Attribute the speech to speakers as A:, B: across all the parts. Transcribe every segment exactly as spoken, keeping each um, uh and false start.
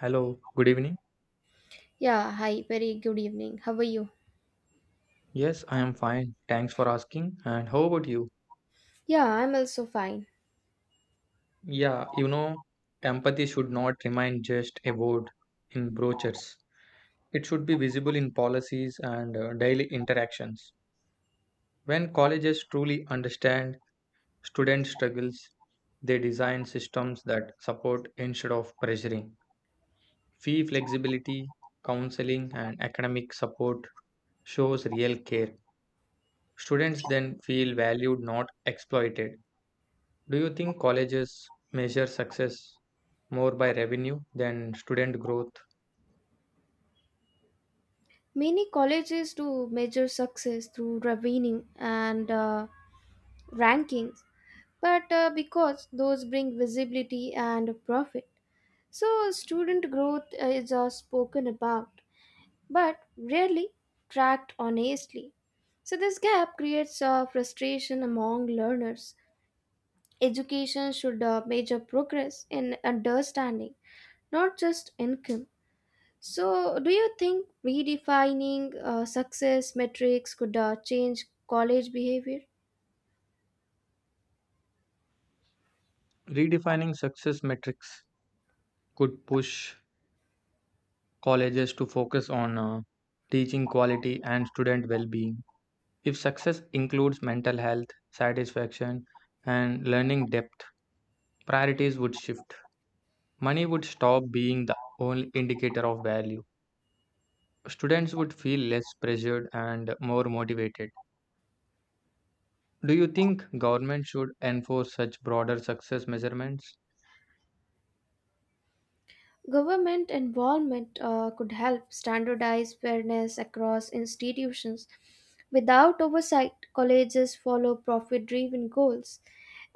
A: Hello, good evening.
B: Yeah, hi, very good evening. How are you?
A: Yes, I am fine. Thanks for asking. And how about you?
B: Yeah, I'm also fine.
A: Yeah, you know, empathy should not remain just a word in brochures. It should be visible in policies and uh, daily interactions. When colleges truly understand student struggles, they design systems that support instead of pressuring. Fee flexibility, counseling, and academic support shows real care. Students then feel valued, not exploited. Do you think colleges measure success more by revenue than student growth?
B: Many colleges do measure success through rating and uh, rankings, but uh, because those bring visibility and profit. So, student growth uh, is uh, spoken about, but rarely tracked honestly. So, this gap creates uh, frustration among learners. Education should uh, measure progress in understanding, not just income. So, do you think redefining uh, success metrics could uh, change college behavior?
A: Redefining success metrics could push colleges to focus on uh, teaching quality and student well being. If success includes mental health, satisfaction, and learning depth, priorities would shift. Money would stop being the only indicator of value. Students would feel less pressured and more motivated. Do you think government should enforce such broader success measurements?
B: Government involvement uh, could help standardize fairness across institutions. Without oversight, colleges follow profit driven goals,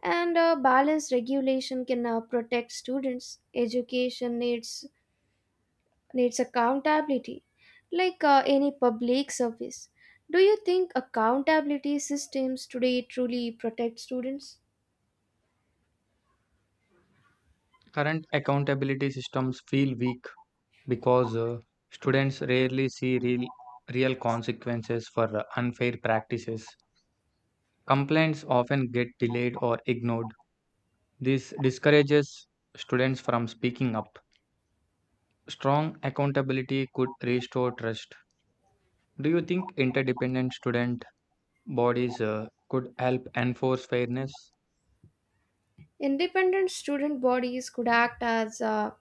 B: and uh, balanced regulation can uh, protect students. Education needs needs accountability like uh, any public service. Do you think accountability systems today truly protect students?
A: Current accountability systems feel weak because uh, students rarely see real real consequences for uh, unfair practices. Complaints often get delayed or ignored. This discourages students from speaking up. Strong accountability could restore trust. Do you think interdependent student bodies uh, could help enforce fairness?
B: Independent student bodies could act as a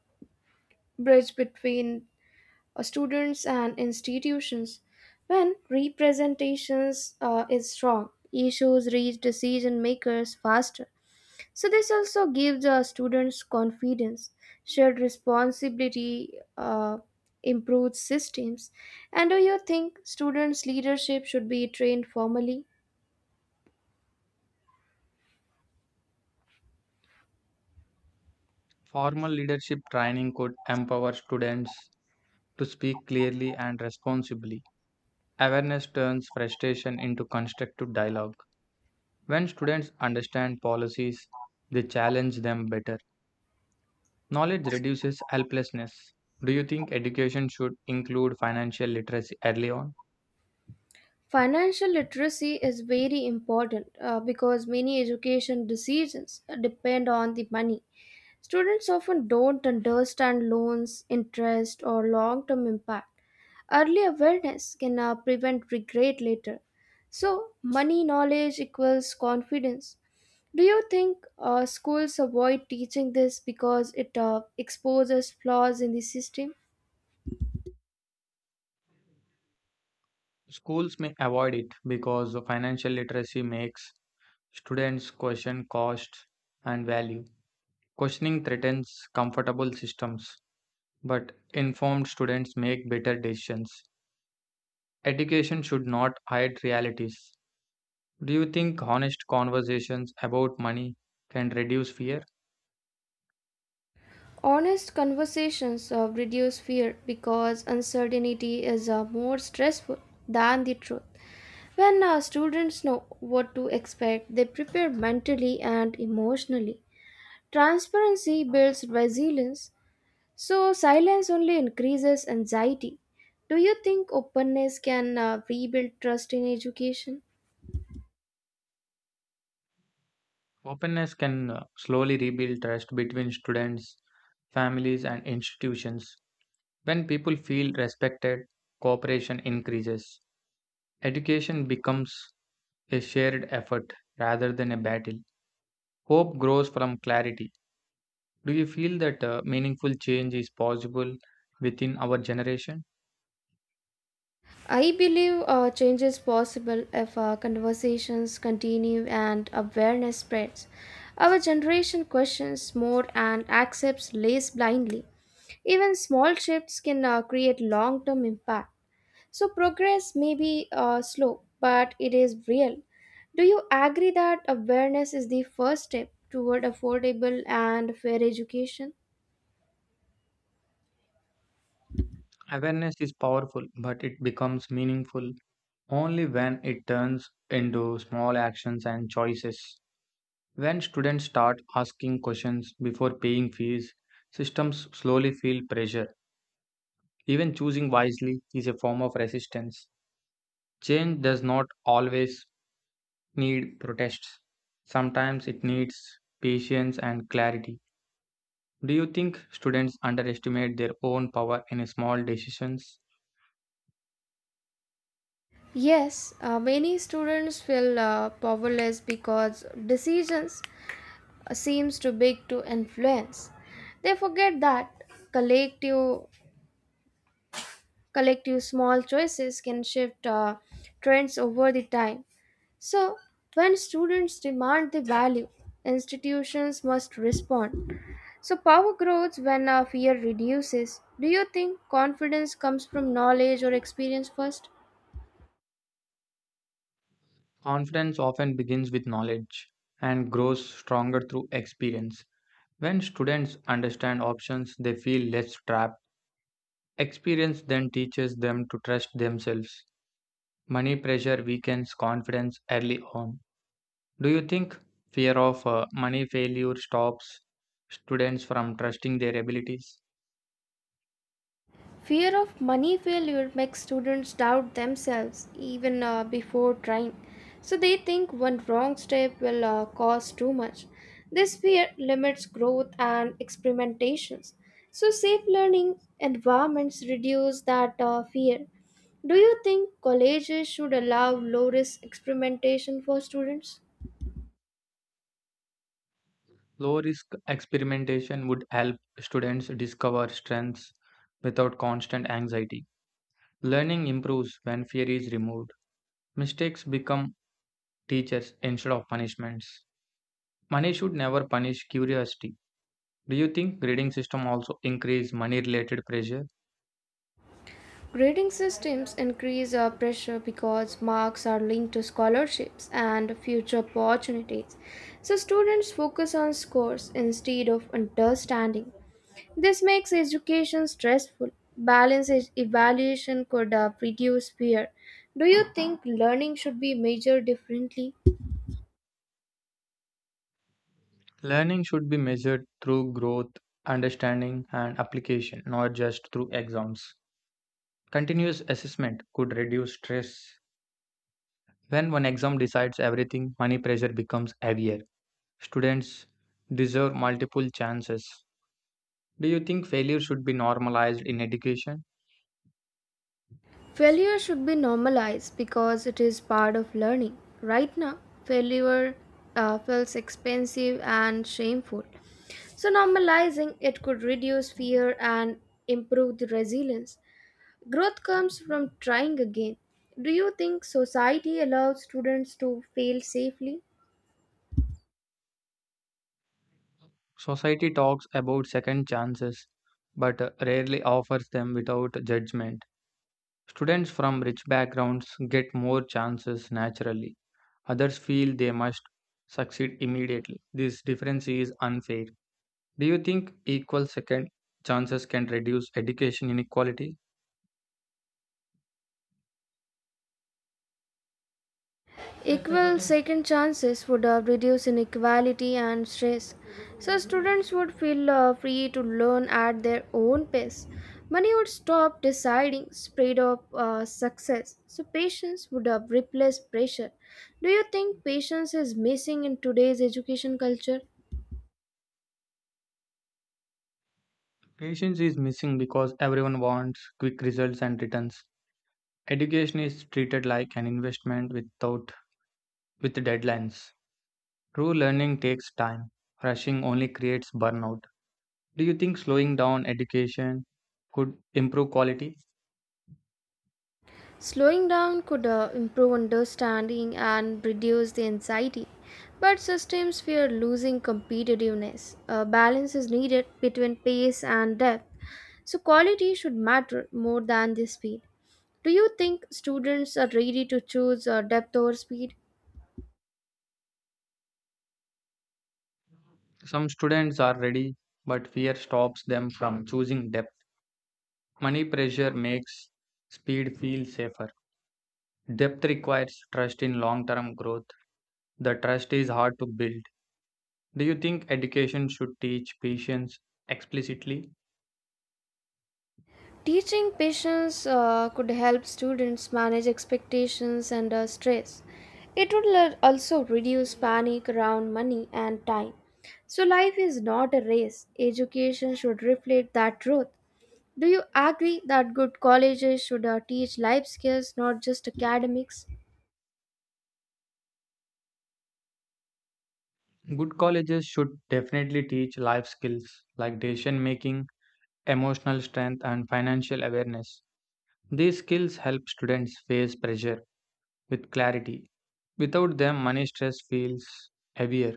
B: bridge between uh, students and institutions. When representations uh, is strong, issues reach decision makers faster. So this also gives uh, students confidence, shared responsibility, uh, improved systems. And do you think students' leadership should be trained formally?
A: Formal leadership training could empower students to speak clearly and responsibly. Awareness turns frustration into constructive dialogue. When students understand policies, they challenge them better. Knowledge reduces helplessness. Do you think education should include financial literacy early on?
B: Financial literacy is very important uh, because many education decisions depend on the money. Students often don't understand loans, interest, or long term impact. Early awareness can uh, prevent regret later. So, money knowledge equals confidence. Do you think uh, schools avoid teaching this because it uh, exposes flaws in the system?
A: Schools may avoid it because financial literacy makes students question cost and value. Questioning threatens comfortable systems, but informed students make better decisions. Education should not hide realities. Do you think honest conversations about money can reduce fear?
B: Honest conversations uh, reduce fear because uncertainty is uh, more stressful than the truth. When uh, students know what to expect, they prepare mentally and emotionally. Transparency builds resilience, so silence only increases anxiety. Do you think openness can uh, rebuild trust in education?
A: Openness can uh, slowly rebuild trust between students, families, and institutions. When people feel respected, cooperation increases. Education becomes a shared effort rather than a battle. Hope grows from clarity. Do you feel that uh, meaningful change is possible within our generation?
B: I believe uh, change is possible if our conversations continue and awareness spreads. Our generation questions more and accepts less blindly. Even small shifts can uh, create long term impact. So, progress may be uh, slow, but it is real. Do you agree that awareness is the first step toward affordable and fair education?
A: Awareness is powerful, but it becomes meaningful only when it turns into small actions and choices. When students start asking questions before paying fees, systems slowly feel pressure. Even choosing wisely is a form of resistance. Change does not always need protests, sometimes it needs patience and clarity. Do you think students underestimate their own power in small decisions?
B: Yes, uh, many students feel uh, powerless because decisions seems too big to influence. They forget that collective, collective small choices can shift uh, trends over the time. So, when students demand the value, institutions must respond. So, power grows when uh, fear reduces. Do you think confidence comes from knowledge or experience first?
A: Confidence often begins with knowledge and grows stronger through experience. When students understand options, they feel less trapped. Experience then teaches them to trust themselves. Money pressure weakens confidence early on. Do you think fear of uh, money failure stops students from trusting their abilities?
B: Fear of money failure makes students doubt themselves even uh, before trying. So they think one wrong step will uh, cost too much. This fear limits growth and experimentations. So safe learning environments reduce that uh, fear. Do you think colleges should allow low risk experimentation for students?
A: Low risk experimentation would help students discover strengths without constant anxiety. Learning improves when fear is removed. Mistakes become teachers instead of punishments. Money should never punish curiosity. Do you think grading system also increase money related pressure?
B: Grading systems increase our pressure because marks are linked to scholarships and future opportunities. So students focus on scores instead of understanding. This makes education stressful. Balanced e- evaluation could uh, reduce fear. Do you think learning should be measured differently?
A: Learning should be measured through growth, understanding and application, not just through exams. Continuous assessment could reduce stress. When one exam decides everything, money pressure becomes heavier. Students deserve multiple chances. Do you think failure should be normalized in education?
B: Failure should be normalized because it is part of learning. Right now, failure uh, feels expensive and shameful. So, normalizing it could reduce fear and improve the resilience. Growth comes from trying again. Do you think society allows students to fail safely?
A: Society talks about second chances but uh, rarely offers them without judgment. Students from rich backgrounds get more chances naturally. Others feel they must succeed immediately. This difference is unfair. Do you think equal second chances can reduce education inequality?
B: Equal second chances would uh, reduce inequality and stress, so students would feel uh, free to learn at their own pace. Money would stop deciding speed of uh, success, so patience would uh, replace pressure. Do you think patience is missing in today's education culture?
A: Patience is missing because everyone wants quick results and returns. Education is treated like an investment without with deadlines. True learning takes time. Rushing only creates burnout. Do you think slowing down education could improve quality?
B: Slowing down could uh, improve understanding and reduce the anxiety, but systems fear losing competitiveness. A balance is needed between pace and depth. So, quality should matter more than the speed. Do you think students are ready to choose uh, depth over speed?
A: Some students are ready, but fear stops them from choosing depth. Money pressure makes speed feel safer. Depth requires trust in long-term growth. The trust is hard to build. Do you think education should teach patience explicitly?
B: Teaching patience uh, could help students manage expectations and uh, stress. It would le- also reduce panic around money and time. So, life is not a race. Education should reflect that truth. Do you agree that good colleges should uh, teach life skills, not just academics?
A: Good colleges should definitely teach life skills like decision making, emotional strength, and financial awareness. These skills help students face pressure with clarity. Without them, money stress feels heavier.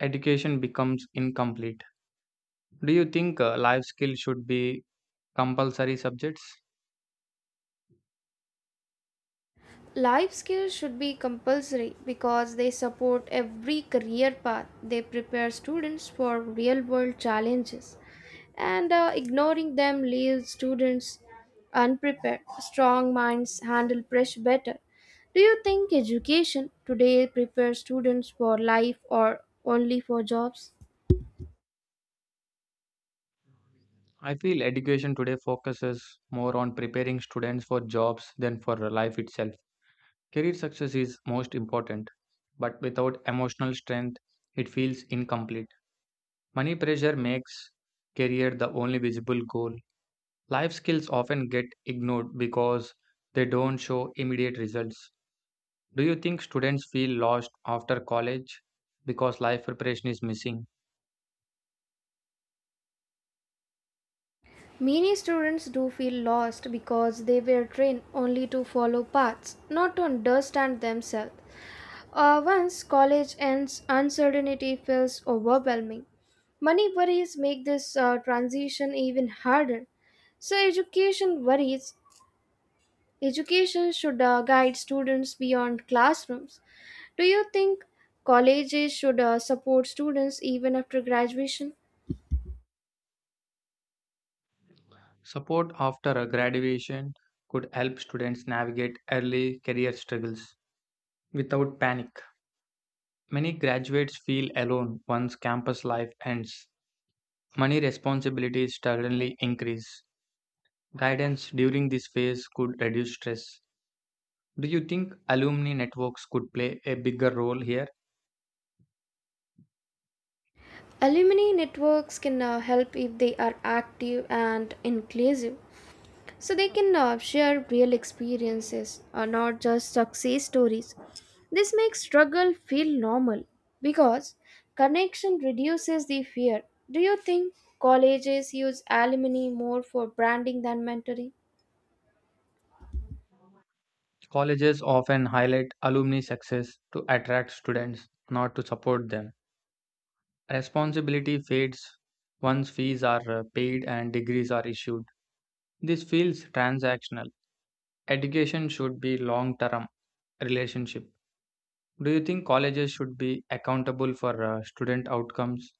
A: Education becomes incomplete. Do you think uh, life skills should be compulsory subjects?
B: Life skills should be compulsory because they support every career path. They prepare students for real world challenges, and uh, ignoring them leaves students unprepared. Strong minds handle pressure better. Do you think education today prepares students for life or only for jobs?
A: I feel education today focuses more on preparing students for jobs than for life itself. Career success is most important, but without emotional strength, it feels incomplete. Money pressure makes career the only visible goal. Life skills often get ignored because they don't show immediate results. Do you think students feel lost after college because life preparation is missing?
B: Many students do feel lost because they were trained only to follow paths, not to understand themselves. Uh, once college ends, uncertainty feels overwhelming. Money worries make this uh, transition even harder. So, education worries. Education should uh, guide students beyond classrooms. Do you think colleges should uh, support students even after graduation?
A: Support after a graduation could help students navigate early career struggles without panic. Many graduates feel alone once campus life ends. Money responsibilities suddenly increase. Guidance during this phase could reduce stress. Do you think alumni networks could play a bigger role here?
B: Alumni networks can uh, help if they are active and inclusive, so they can uh, share real experiences, uh, not just success stories. This makes struggle feel normal because connection reduces the fear. Do you think colleges use alumni more for branding than mentoring?
A: Colleges often highlight alumni success to attract students, not to support them. Responsibility fades once fees are uh, paid and degrees are issued. This feels transactional. Education should be long term relationship. Do you think colleges should be accountable for uh, student outcomes?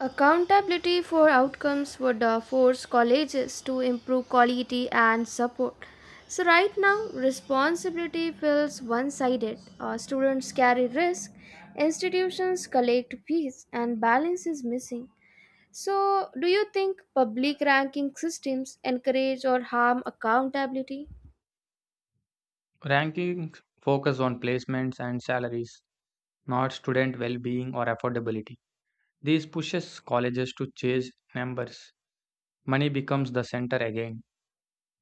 B: Accountability for outcomes would uh, force colleges to improve quality and support. So, right now, responsibility feels one sided. Students carry risk, institutions collect fees, and balance is missing. So, do you think public ranking systems encourage or harm accountability?
A: Rankings focus on placements and salaries, not student well being or affordability. This pushes colleges to chase numbers. Money becomes the center again.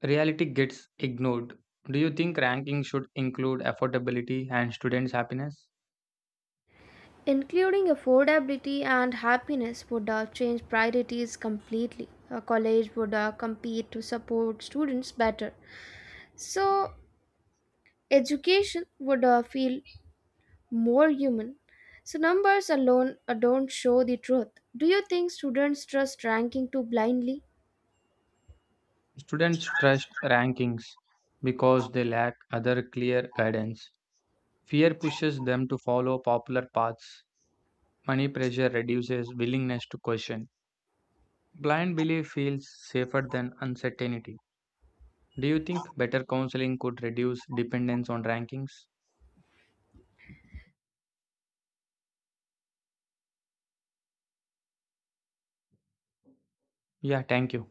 A: Reality gets ignored. Do you think rankings should include affordability and students' happiness?
B: Including affordability and happiness would uh, change priorities completely. A college would uh, compete to support students better. So, education would uh, feel more human. So, numbers alone uh, don't show the truth. Do you think students trust ranking too blindly?
A: Students trust rankings because they lack other clear guidance. Fear pushes them to follow popular paths. Money pressure reduces willingness to question. Blind belief feels safer than uncertainty. Do you think better counseling could reduce dependence on rankings? Yeah, thank you.